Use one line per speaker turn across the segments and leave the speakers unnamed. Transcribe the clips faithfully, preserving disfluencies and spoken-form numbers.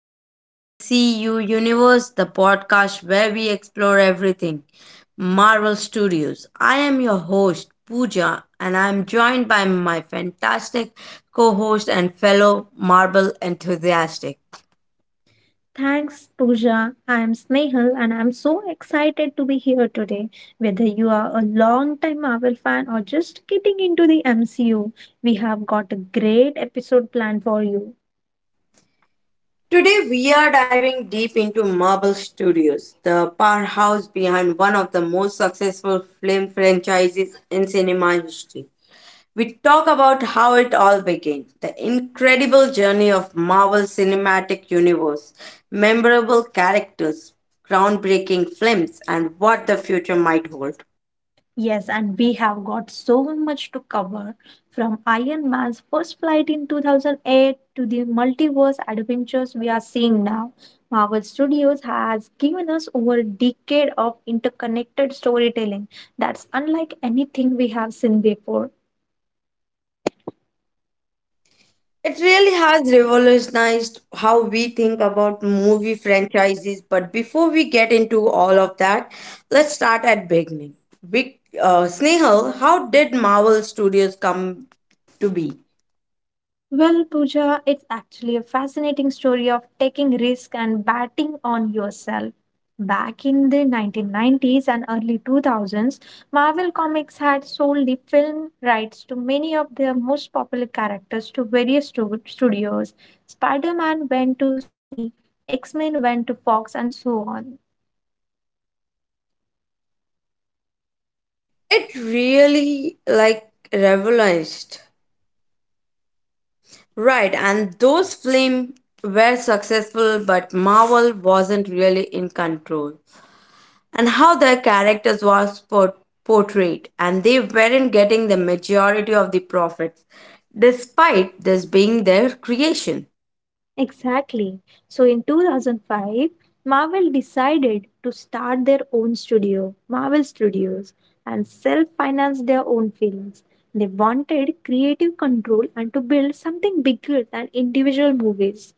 to the M C U Universe, the podcast where we explore everything Marvel Studios. I am your host, Pooja, and I'm joined by my fantastic co host and fellow Marvel enthusiastic.
Thanks, Pooja. I'm Snehal, and I'm so excited to be here today. Whether you are a long-time Marvel fan or just getting into the M C U, we have got a great episode planned for you.
Today, we are diving deep into Marvel Studios, the powerhouse behind one of the most successful film franchises in cinema history. We talk about how it all began the incredible journey of Marvel Cinematic Universe, memorable characters, groundbreaking films, and what the future might hold.
Yes, and we have got so much to cover from Iron Man's first flight in two thousand eight to the multiverse adventures we are seeing now. Marvel Studios has given us over a decade of interconnected storytelling that's unlike anything we have seen before.
It really has revolutionized how we think about movie franchises. But before we get into all of that, let's start at beginning. Big, uh, Snehal, how did Marvel Studios come to be?
Well, Pooja, it's actually a fascinating story of taking risk and betting on yourself. Back in the nineteen nineties and early two thousands, Marvel Comics had sold the film rights to many of their most popular characters to various stu- studios. Spider Man went to Sony, X Men went to Fox, and so on.
It really like revolutionized. Right, and those films were successful, but Marvel wasn't really in control. And how their characters was por- portrayed, and they weren't getting the majority of the profits, despite this being their creation.
Exactly. So in two thousand five, Marvel decided to start their own studio, Marvel Studios, and self finance their own films. They wanted creative control and to build something bigger than individual movies.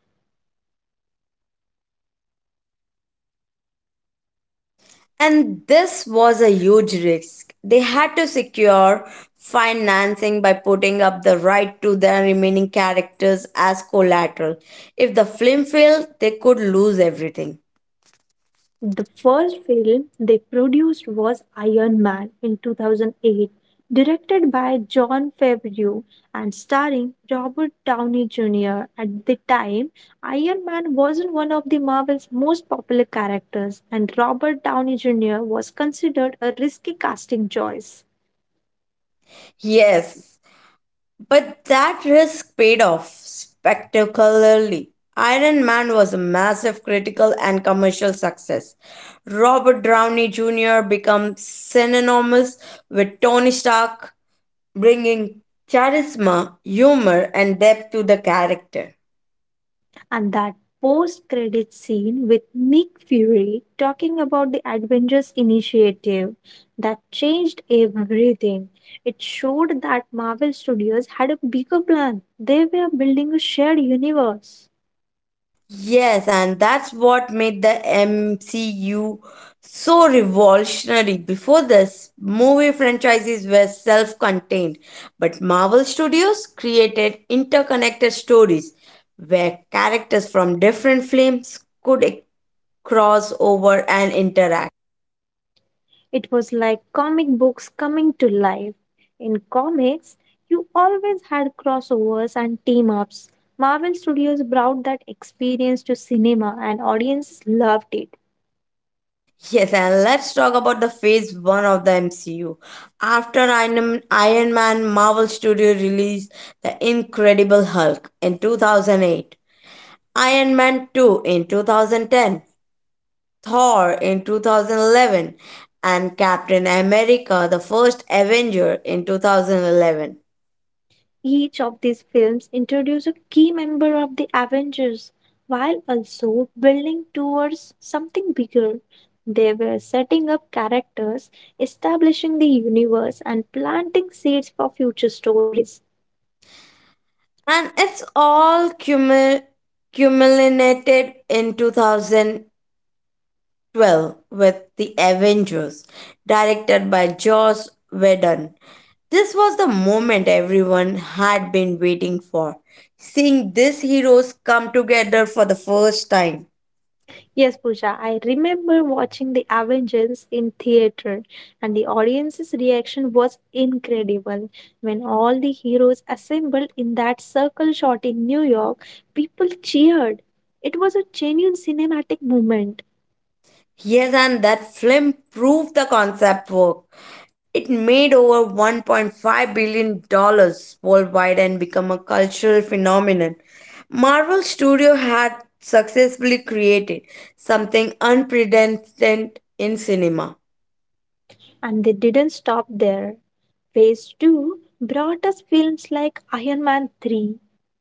And this was a huge risk. They had to secure financing by putting up the right to their remaining characters as collateral. If the film failed, they could lose everything.
The first film they produced was Iron Man in two thousand eight, directed by John Favreau and starring Robert Downey Junior At the time, Iron Man wasn't one of the Marvel's most popular characters, and Robert Downey Junior was considered a risky casting choice.
Yes, but that risk paid off spectacularly. Iron Man was a massive critical and commercial success. Robert Downey Junior became synonymous with Tony Stark, bringing charisma, humor, and depth to the character.
And that post credit scene with Nick Fury talking about the Avengers initiative that changed everything. It showed that Marvel Studios had a bigger plan. They were building a shared universe.
Yes, and that's what made the M C U so revolutionary. Before this, movie franchises were self contained, but Marvel Studios created interconnected stories where characters from different films could e- cross over and interact.
It was like comic books coming to life. In comics, you always had crossovers and team ups. Marvel Studios brought that experience to cinema and audiences loved it.
Yes, and let's talk about the phase one of the M C U. After Iron Iron Man, Marvel Studio released The Incredible Hulk in two thousand eight, Iron Man two in two thousand ten, Thor in two thousand eleven, and Captain America the First Avenger in two thousand eleven.
Each of these films introduce a key member of the Avengers while also building towards something bigger. They were setting up characters, establishing the universe, and planting seeds for future stories.
And it's all cumu- cumulated in two thousand twelve with The Avengers, directed by Joss Whedon. This was the moment everyone had been waiting for, seeing these heroes come together for the first time.
Yes, Pooja, I remember watching the Avengers in theater and the audience's reaction was incredible. When all the heroes assembled in that circle shot in New York, people cheered. It was a genuine cinematic moment,
Yes, and that film proved the concept work. It made over $1.5 billion dollars worldwide and become a cultural phenomenon. Marvel Studio had successfully created something unprecedented in cinema.
and they didn't stop there. Phase two brought us films like Iron Man three,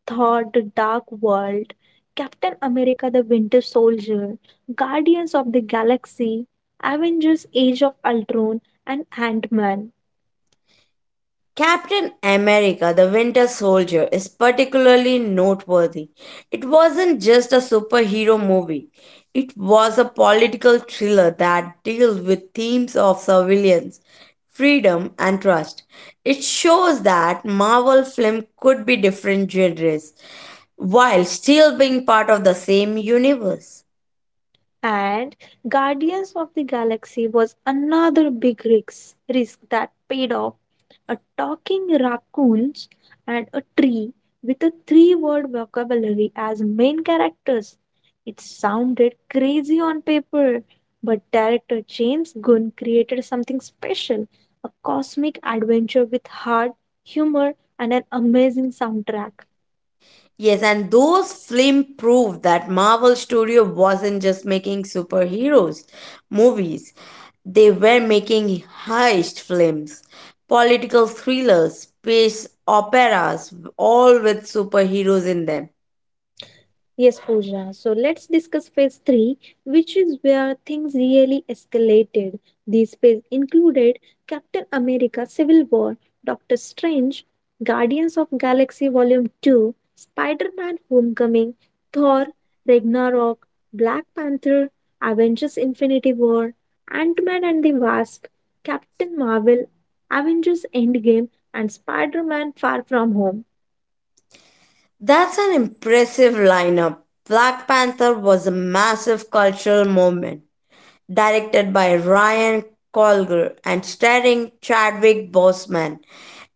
Thor The Dark World, Captain America The Winter Soldier, Guardians of the Galaxy, Avengers Age of Ultron, and Ant Man.
Captain America, the Winter Soldier, is particularly noteworthy. It wasn't just a superhero movie, it was a political thriller that dealt with themes of surveillance, freedom, and trust. It shows that Marvel film could be different genres while still being part of the same universe.
And Guardians of the Galaxy was another big risk, risk that paid off. A talking raccoons and a tree with a three word vocabulary as main characters. It sounded crazy on paper, but director James Gunn created something special, a cosmic adventure with heart, humor, and an amazing soundtrack.
Yes, and those films prove that Marvel Studio wasn't just making superheroes movies. They were making heist films, political thrillers, space operas, all with superheroes in them.
Yes, Pooja. So let's discuss phase three, which is where things really escalated. These phase included Captain America Civil War, Doctor Strange, Guardians of Galaxy Volume two, Spider-Man Homecoming, Thor, Ragnarok, Black Panther, Avengers Infinity War, Ant-Man and the Wasp, Captain Marvel, Avengers Endgame, and Spider-Man Far From Home.
That's an impressive lineup. Black Panther was a massive cultural moment, directed by Ryan Coogler and starring Chadwick Boseman.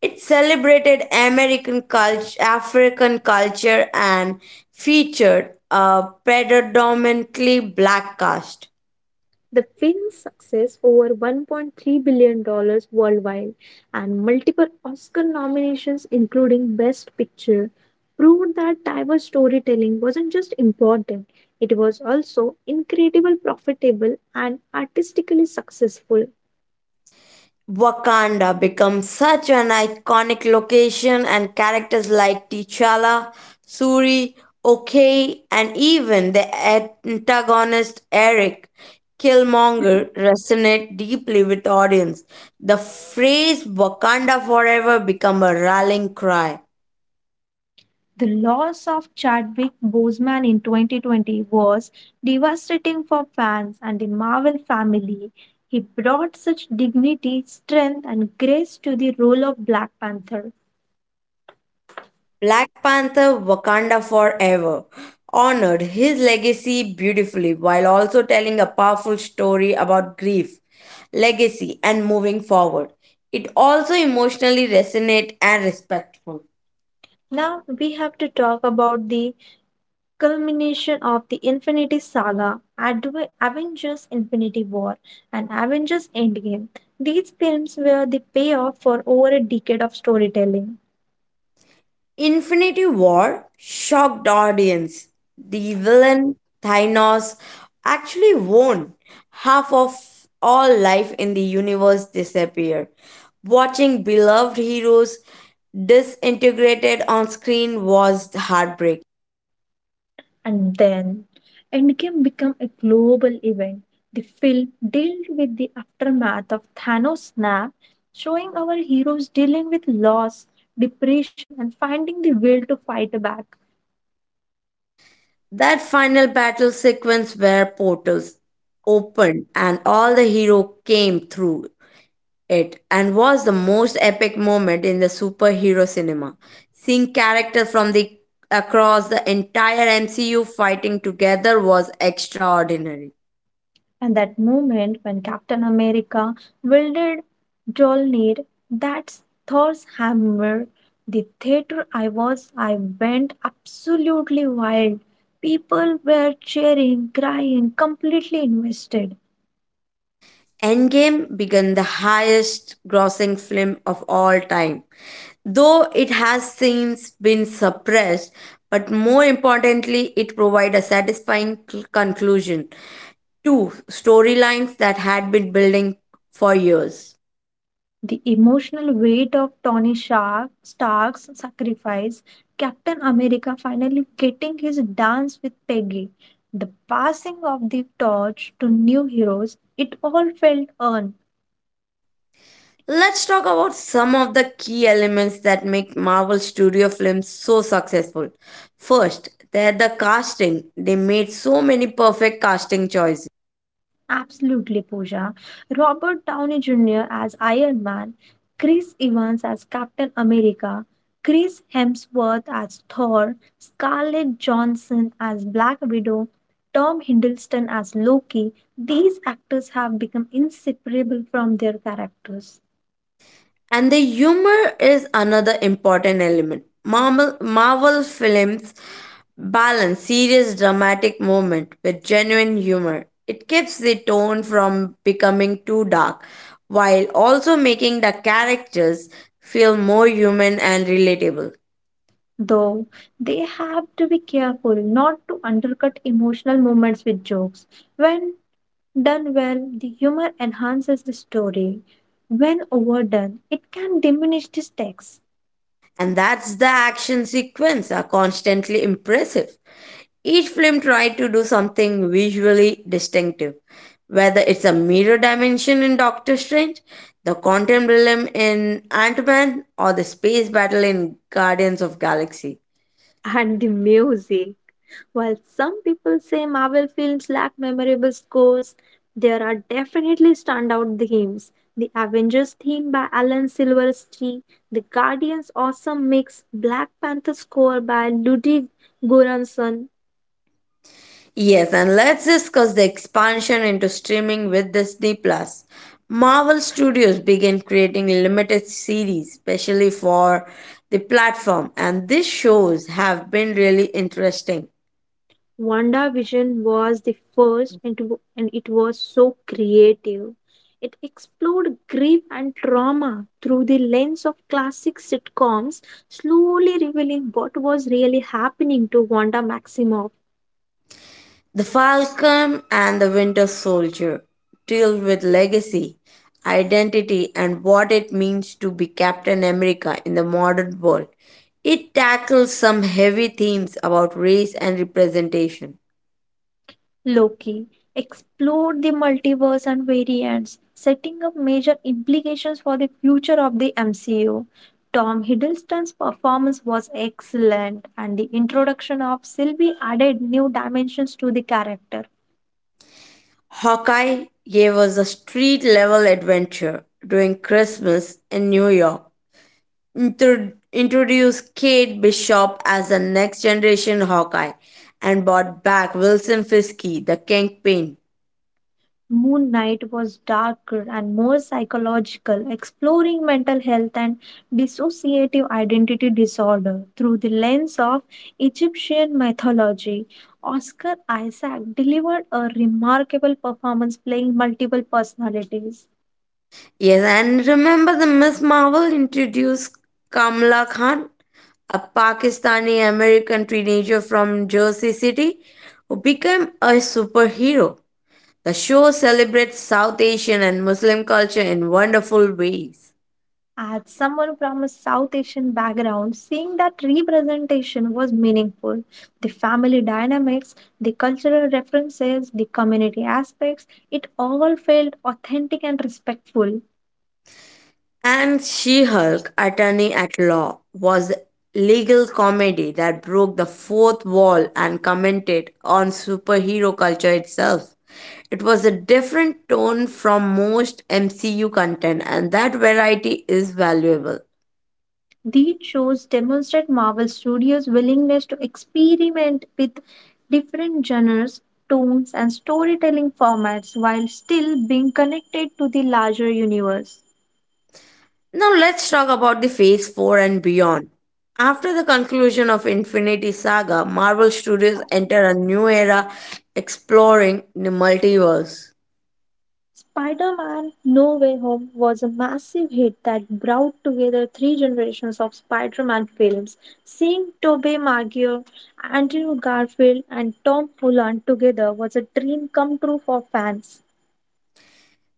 It celebrated American culture, African culture, and featured a predominantly black cast.
The film's success, over one point three billion dollars worldwide and multiple Oscar nominations, including Best Picture, proved that diverse storytelling wasn't just important, it was also incredibly profitable and artistically successful.
Wakanda becomes such an iconic location, and characters like T'Challa, Suri, Okoye, and even the antagonist Eric Killmonger resonate deeply with audience. The phrase Wakanda forever become a rallying cry.
The loss of Chadwick Boseman in twenty twenty was devastating for fans and the Marvel family. He brought such dignity, strength, and grace to the role of Black Panther.
Black Panther Wakanda Forever honored his legacy beautifully while also telling a powerful story about grief, legacy, and moving forward. It also emotionally resonate and respectful.
Now we have to talk about the culmination of the Infinity Saga, Adve- Avengers Infinity War, and Avengers Endgame. These films were the payoff for over a decade of storytelling.
Infinity War shocked audience. The villain Thanos actually won. Half of all life in the universe disappeared. Watching beloved heroes disintegrated on screen was heartbreak.
And then Endgame became a global event. The film dealt with the aftermath of Thanos' snap, showing our heroes dealing with loss, depression, and finding the will to fight back.
That final battle sequence where portals opened and all the hero came through it and was the most epic moment in the superhero cinema. Seeing characters from the across the entire M C U fighting together was extraordinary.
And that moment when Captain America wielded Jolnir, that's Thor's hammer. The theater I was, I went absolutely wild. People were cheering, crying, completely invested.
Endgame began the highest grossing film of all time, though it has since been suppressed, but more importantly, it provided a satisfying cl- conclusion to storylines that had been building for years.
The emotional weight of Tony Shark, Stark's sacrifice, Captain America finally getting his dance with Peggy, the passing of the torch to new heroes, it all felt earned.
Let's talk about some of the key elements that make Marvel Studio films so successful. First, they're the casting. They made so many perfect casting choices.
Absolutely, Pooja. Robert Downey Junior as Iron Man, Chris Evans as Captain America, Chris Hemsworth as Thor, Scarlett Johansson as Black Widow, Tom Hiddleston as Loki. These actors have become inseparable from their characters.
And the humor is another important element. Marvel, Marvel films balance serious dramatic moment with genuine humor. It keeps the tone from becoming too dark while also making the characters feel more human and relatable.
Though they have to be careful not to undercut emotional moments with jokes. When done well, the humor enhances the story. When overdone, it can diminish the stakes.
And that's the action sequence are constantly impressive. Each film tried to do something visually distinctive, whether it's a mirror dimension in Doctor Strange, the quantum realm in Ant-Man, or the space battle in Guardians of Galaxy.
And the music. While some people say Marvel films lack memorable scores, there are definitely standout themes. The Avengers theme by Alan Silverstein, the Guardians' awesome mix, Black Panther score by Ludwig Göransson.
Yes, and let's discuss the expansion into streaming with Disney Plus. Marvel Studios began creating limited series specially for the platform, and these shows have been really interesting.
WandaVision was the first, and it wa- and it was so creative. It explored grief and trauma through the lens of classic sitcoms, slowly revealing what was really happening to Wanda Maximoff.
The Falcon and the Winter Soldier deal with legacy, identity, and what it means to be Captain America in the modern world. It tackles some heavy themes about race and representation.
Loki explored the multiverse and variants, setting up major implications for the future of the M C U. Tom Hiddleston's performance was excellent, and the introduction of Sylvie added new dimensions to the character.
Hawkeye gave us a street level adventure during Christmas in New York. Intro- introduced Kate Bishop as the next generation Hawkeye and brought back Wilson Fiske, the Kingpin.
Moon Knight was darker and more psychological, exploring mental health and dissociative identity disorder through the lens of Egyptian mythology. Oscar Isaac delivered a remarkable performance playing multiple personalities.
Yes, and remember the Miss Marvel introduced Kamala Khan, a Pakistani American teenager from Jersey City who became a superhero. The show celebrates South Asian and Muslim culture in wonderful ways.
As someone from a South Asian background, seeing that representation was meaningful. The family dynamics, the cultural references, the community aspects, it all felt authentic and respectful.
And She Hulk, Attorney at Law, was a legal comedy that broke the fourth wall and commented on superhero culture itself. It was a different tone from most M C U content, and that variety is valuable.
These shows demonstrate Marvel Studios' willingness to experiment with different genres, tones, and storytelling formats while still being connected to the larger universe.
Now, let's talk about the Phase four and beyond. After the conclusion of Infinity Saga, Marvel Studios enter a new era exploring the multiverse.
Spider Man No Way Home was a massive hit that brought together three generations of Spider Man films. Seeing Tobey Maguire, Andrew Garfield, and Tom Holland together was a dream come true for fans.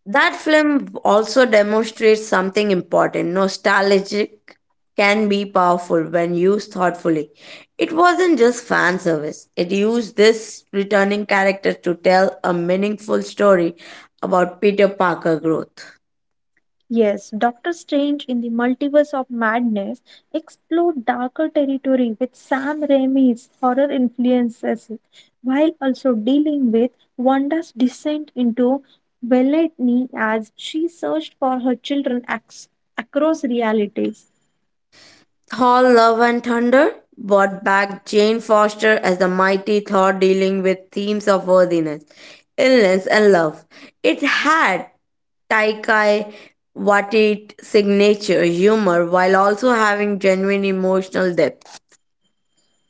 That film also demonstrates something important. Nostalgic can be powerful when used thoughtfully. It wasn't just fan service, it used this returning character to tell a meaningful story about Peter Parker growth.
Yes, Doctor Strange in the Multiverse of Madness explored darker territory with Sam Raimi's horror influences while also dealing with Wanda's descent into villainy as she searched for her children ac- across realities.
Thor Love and Thunder brought back Jane Foster as the mighty Thor dealing with themes of worthiness, illness, and love. It had Taikai what signature humor while also having genuine emotional depth.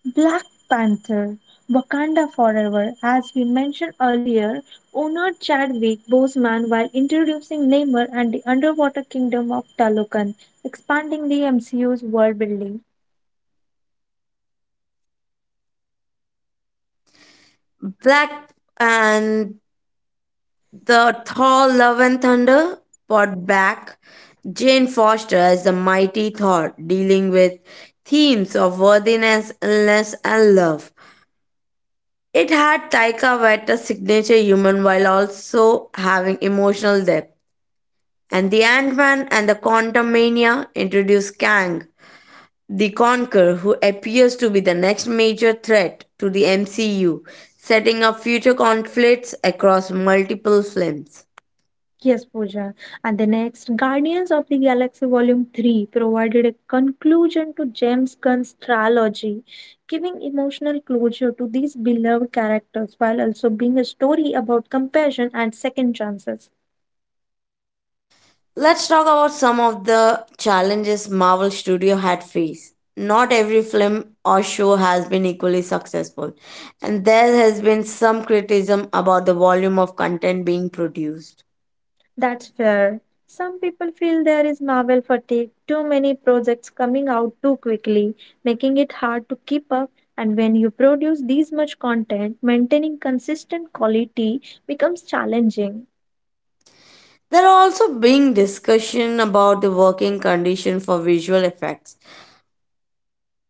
Black Panther, Wakanda Forever, as we mentioned earlier, owner Chadwick Boseman while introducing Namor and the underwater kingdom of Talokan, expanding the M C U's world building.
Black and the Thor Love and Thunder brought back Jane Foster as the mighty Thor, dealing with themes of worthiness, illness, and love. It had Taika Waita's signature human while also having emotional depth. And the Ant-Man and the Quantumania introduced Kang, The Conqueror, who appears to be the next major threat to the M C U, setting up future conflicts across multiple films.
Yes, Pooja. And the next, Guardians of the Galaxy Volume three provided a conclusion to James Gunn's trilogy, giving emotional closure to these beloved characters while also being a story about compassion and second chances.
Let's talk about some of the challenges Marvel Studio had faced. Not every film or show has been equally successful, and there has been some criticism about the volume of content being produced.
That's fair. Some people feel there is Marvel fatigue, too many projects coming out too quickly, making it hard to keep up. And when you produce this much content, maintaining consistent quality becomes challenging.
There are also being discussion about the working condition for visual effects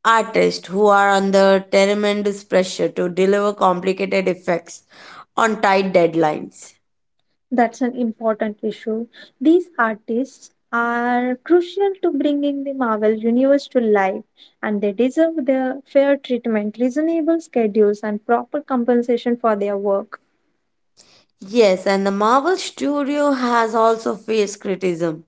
artists who are under tremendous pressure to deliver complicated effects on tight deadlines.
That's an important issue. These artists are crucial to bringing the Marvel Universe to life, and they deserve their fair treatment, reasonable schedules, and proper compensation for their work.
Yes, and the Marvel Studio has also faced criticism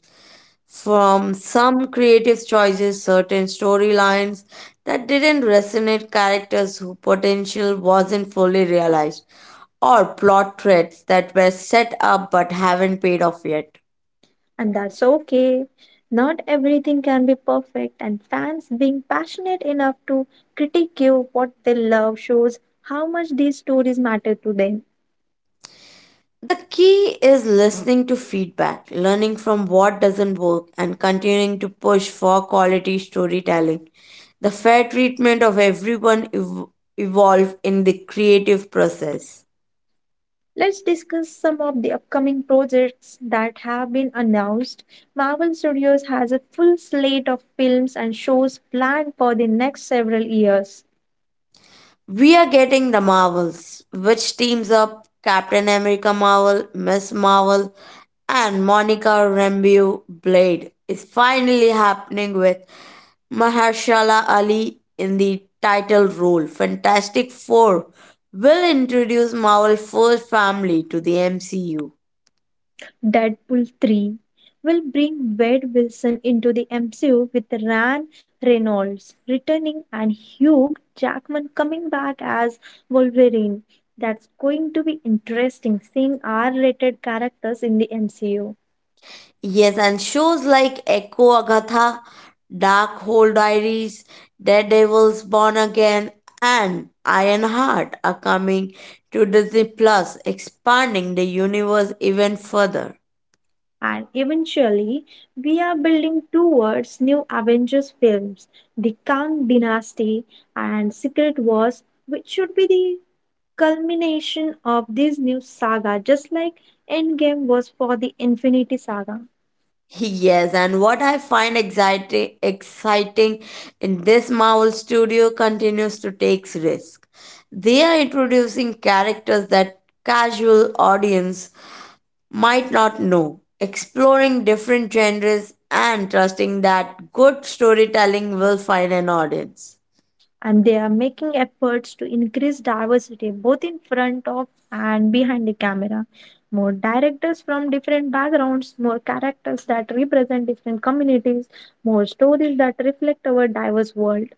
from some creative choices, certain storylines that didn't resonate, characters whose potential wasn't fully realized, or plot threads that were set up but haven't paid off yet.
And that's okay. Not everything can be perfect, and fans being passionate enough to critique you what they love shows how much these stories matter to them.
The key is listening to feedback, learning from what doesn't work, and continuing to push for quality storytelling. The fair treatment of everyone ev- evolved in the creative process.
Let's discuss some of the upcoming projects that have been announced. Marvel Studios has a full slate of films and shows planned for the next several years.
We are getting the Marvels, which teams up Captain America Marvel, Miss Marvel, and Monica Rambeau Blade is finally happening with Mahershala Ali in the title role. Fantastic Four will introduce Marvel's first family to the M C U.
Deadpool three will bring Wade Wilson into the M C U with Ryan Reynolds returning and Hugh Jackman coming back as Wolverine. That's going to be interesting seeing R rated characters in the M C U.
Yes, and shows like Echo Agatha, Dark Hole Diaries, Daredevil's Born Again, and Ironheart are coming to Disney Plus, expanding the universe even further.
And eventually, we are building towards new Avengers films, the Kang Dynasty and Secret Wars, which should be the culmination of this new saga, just like Endgame was for the Infinity Saga.
Yes, and what I find exciting, exciting in this Marvel studio continues to take risk. They are introducing characters that casual audience might not know, exploring different genres and trusting that good storytelling will find an audience.
And they are making efforts to increase diversity both in front of and behind the camera. More directors from different backgrounds, more characters that represent different communities, more stories that reflect our diverse world.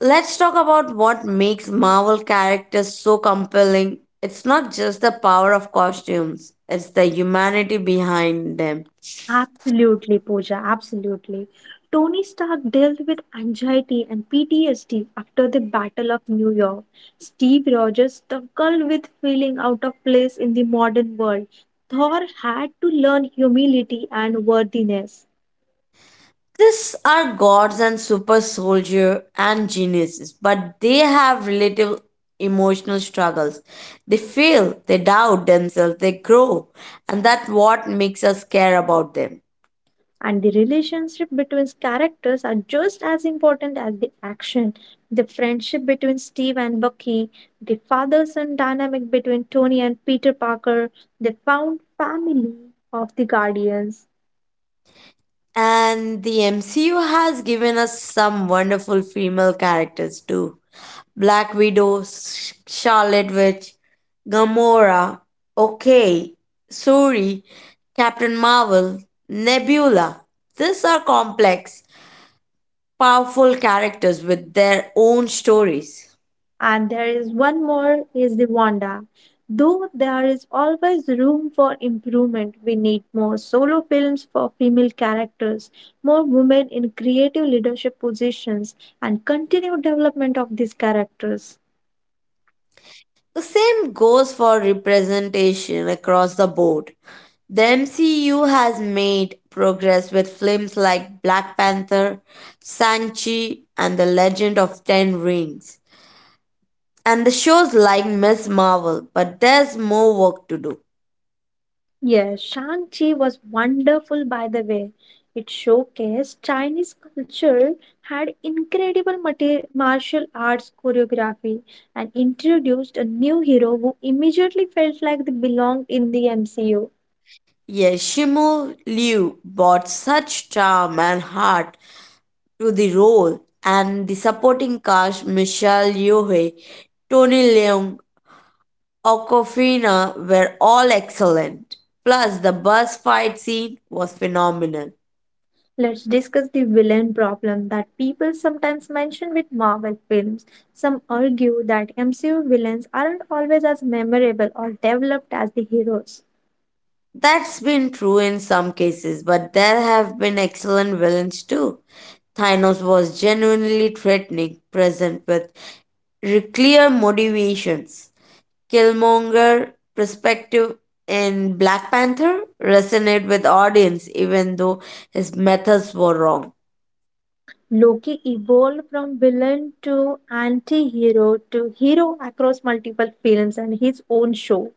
Let's talk about what makes Marvel characters so compelling. It's not just the power of costumes, it's the humanity behind them.
Absolutely, Pooja, absolutely. Tony Stark dealt with anxiety and P T S D after the Battle of New York. Steve Rogers struggled with feeling out of place in the modern world. Thor had to learn humility and worthiness.
These are gods and super soldier and geniuses, but they have relative emotional struggles. They fail, they doubt themselves, they grow, and that's what makes us care about them.
And the relationship between characters are just as important as the action. The friendship between Steve and Bucky, the father son dynamic between Tony and Peter Parker, the found family of the Guardians.
And the M C U has given us some wonderful female characters too. Black Widow, Sh- Scarlet Witch, Gamora, Okay, Suri, Captain Marvel, Nebula. These are complex powerful characters with their own stories.
And there is one more is the Wanda. Though there is always room for improvement, we need more solo films for female characters, more women in creative leadership positions, and continued development of these characters.
The same goes for representation across the board. The M C U has made progress with films like Black Panther, Sanchi, and The Legend of Ten Rings, and the shows like Miss Marvel, but there's more work to do.
Yes, Shang-Chi was wonderful, by the way. It showcased Chinese culture, had incredible mate- martial arts choreography and introduced a new hero who immediately felt like they belonged in the M C U.
Yes, Shimu Liu brought such charm and heart to the role, and the supporting cast Michelle Yeoh, Tony Leung, Aquafina were all excellent. Plus, the bus fight scene was phenomenal.
Let's discuss the villain problem that people sometimes mention with Marvel films. Some argue that M C U villains aren't always as memorable or developed as the heroes.
That's been true in some cases, but there have been excellent villains too. Thanos was genuinely threatening, present with re- clear motivations. Killmonger perspective in Black Panther resonated with audience even though his methods were wrong.
Loki evolved from villain to anti-hero to hero across multiple films and his own show.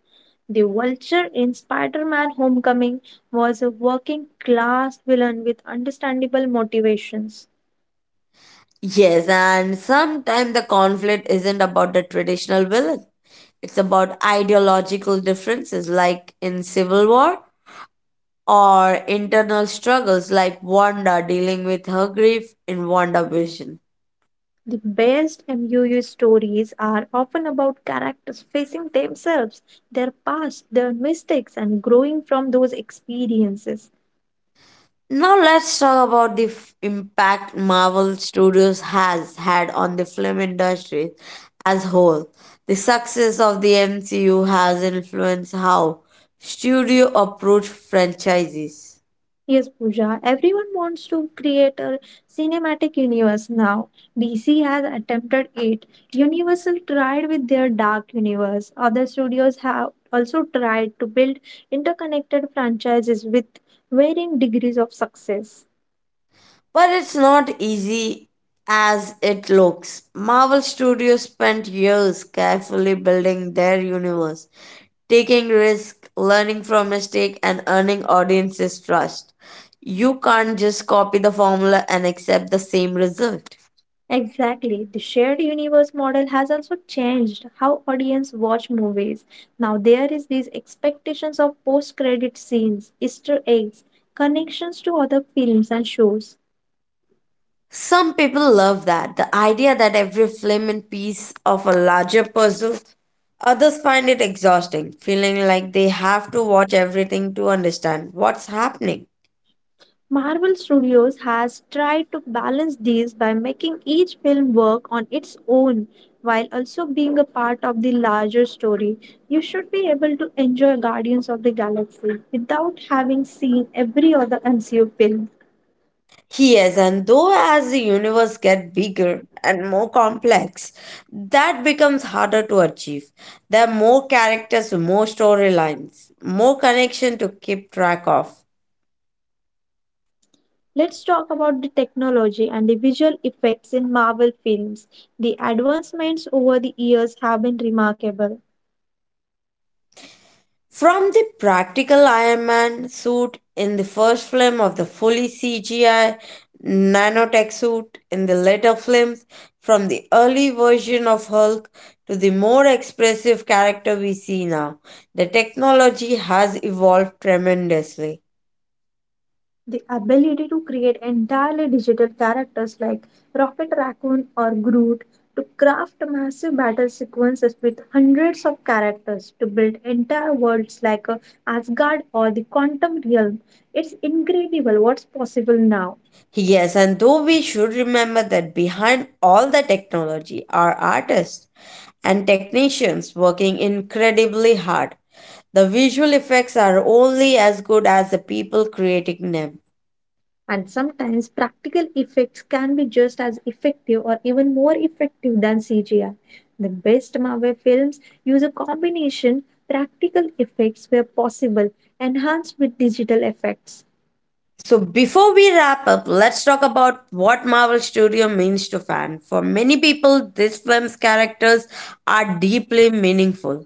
The Vulture in Spider-Man Homecoming was a working class villain with understandable motivations.
Yes, and sometimes the conflict isn't about the traditional villain. It's about ideological differences, like in Civil War, or internal struggles, like Wanda dealing with her grief in WandaVision.
The best M U U stories are often about characters facing themselves, their past, their mistakes, and growing from those experiences.
Now, let's talk about the f- impact Marvel Studios has had on the film industry as whole. The success of the M C U has influenced how studio approach franchises.
Yes, Pooja, everyone wants to create a cinematic universe now. D C has attempted it. Universal tried with their Dark Universe. Other studios have also tried to build interconnected franchises with varying degrees of success.
But it's not easy as it looks. Marvel Studios spent years carefully building their universe, taking risks, learning from mistakes, and earning audiences' trust. You can't just copy the formula and accept the same result.
Exactly. The shared universe model has also changed how audience watch movies. Now there is these expectations of post-credit scenes, Easter eggs, connections to other films and shows.
Some people love that, the idea that every film is piece of a larger puzzle. Others find it exhausting, feeling like they have to watch everything to understand what's happening.
Marvel Studios has tried to balance these by making each film work on its own while also being a part of the larger story. You should be able to enjoy Guardians of the Galaxy without having seen every other M C U film.
Yes, and though as the universe gets bigger and more complex, that becomes harder to achieve. There are more characters, more storylines, more connection to keep track of.
Let's talk about the technology and the visual effects in Marvel films. The advancements over the years have been remarkable.
From the practical Iron Man suit in the first film of the fully C G I nanotech suit in the later films, from the early version of Hulk to the more expressive character we see now, the technology has evolved tremendously.
The ability to create entirely digital characters like Rocket Raccoon or Groot, to craft massive battle sequences with hundreds of characters, to build entire worlds like uh, Asgard or the Quantum Realm. It's incredible what's possible now.
Yes, and though we should remember that behind all the technology are artists and technicians working incredibly hard. The visual effects are only as good as the people creating them.
And sometimes practical effects can be just as effective or even more effective than C G I. The best Marvel films use a combination practical effects where possible, enhanced with digital effects.
So before we wrap up, let's talk about what Marvel Studio means to fan. For many people, this film's characters are deeply meaningful.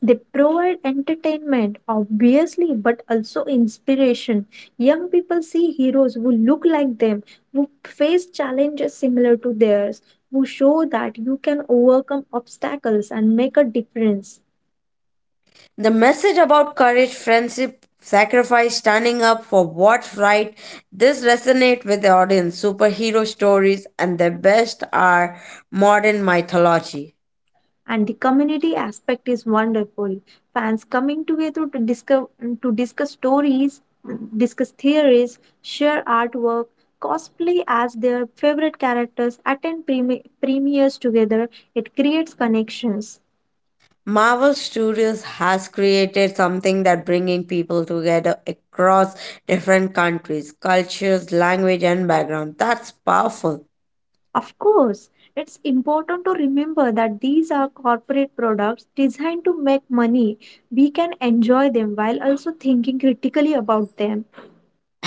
They provide entertainment, obviously, but also inspiration. Young people see heroes who look like them, who face challenges similar to theirs, who show that you can overcome obstacles and make a difference.
The message about courage, friendship, sacrifice, standing up for what's right, this resonate with the audience. Superhero stories and their best are modern mythology.
And the community aspect is wonderful, fans coming together to discuss, to discuss stories, discuss theories, share artwork, cosplay as their favorite characters, attend premi- premieres together, it creates connections.
Marvel Studios has created something that bringing people together across different countries, cultures, language and background. That's powerful.
Of course, it's important to remember that these are corporate products designed to make money. We can enjoy them while also thinking critically about them.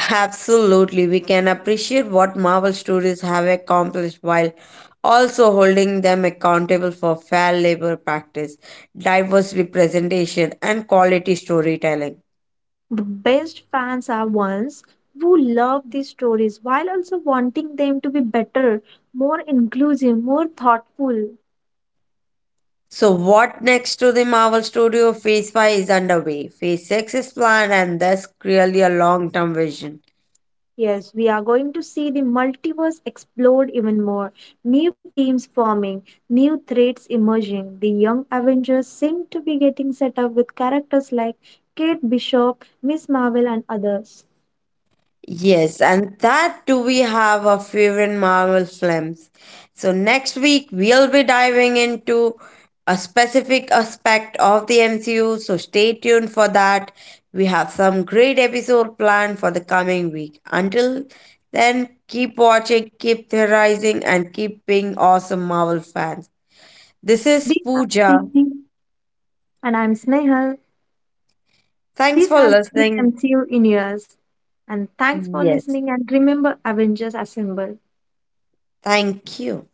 Absolutely. We can appreciate what Marvel Studios have accomplished while also holding them accountable for fair labor practice, diverse representation and quality storytelling.
The best fans are ones who love these stories while also wanting them to be better, more inclusive, more thoughtful.
So, what next to the Marvel Studio? Phase five is underway. Phase six is planned, and that's really a long term vision.
Yes, we are going to see the multiverse explode even more. New teams forming, new threats emerging. The young Avengers seem to be getting set up with characters like Kate Bishop, Miss Marvel, and others.
Yes, and that do we have our favorite Marvel films. So next week we'll be diving into a specific aspect of the M C U, so stay tuned for that. We have some great episode planned for the coming week. Until then, keep watching, keep theorizing, and keep being awesome Marvel fans. This is
These are
Pooja.
Cindy, and I'm Snehal.
Thanks
This
for
has been the
listening.
M C U in years. And thanks for
Yes,
listening, and remember, Avengers Assemble.
thank you.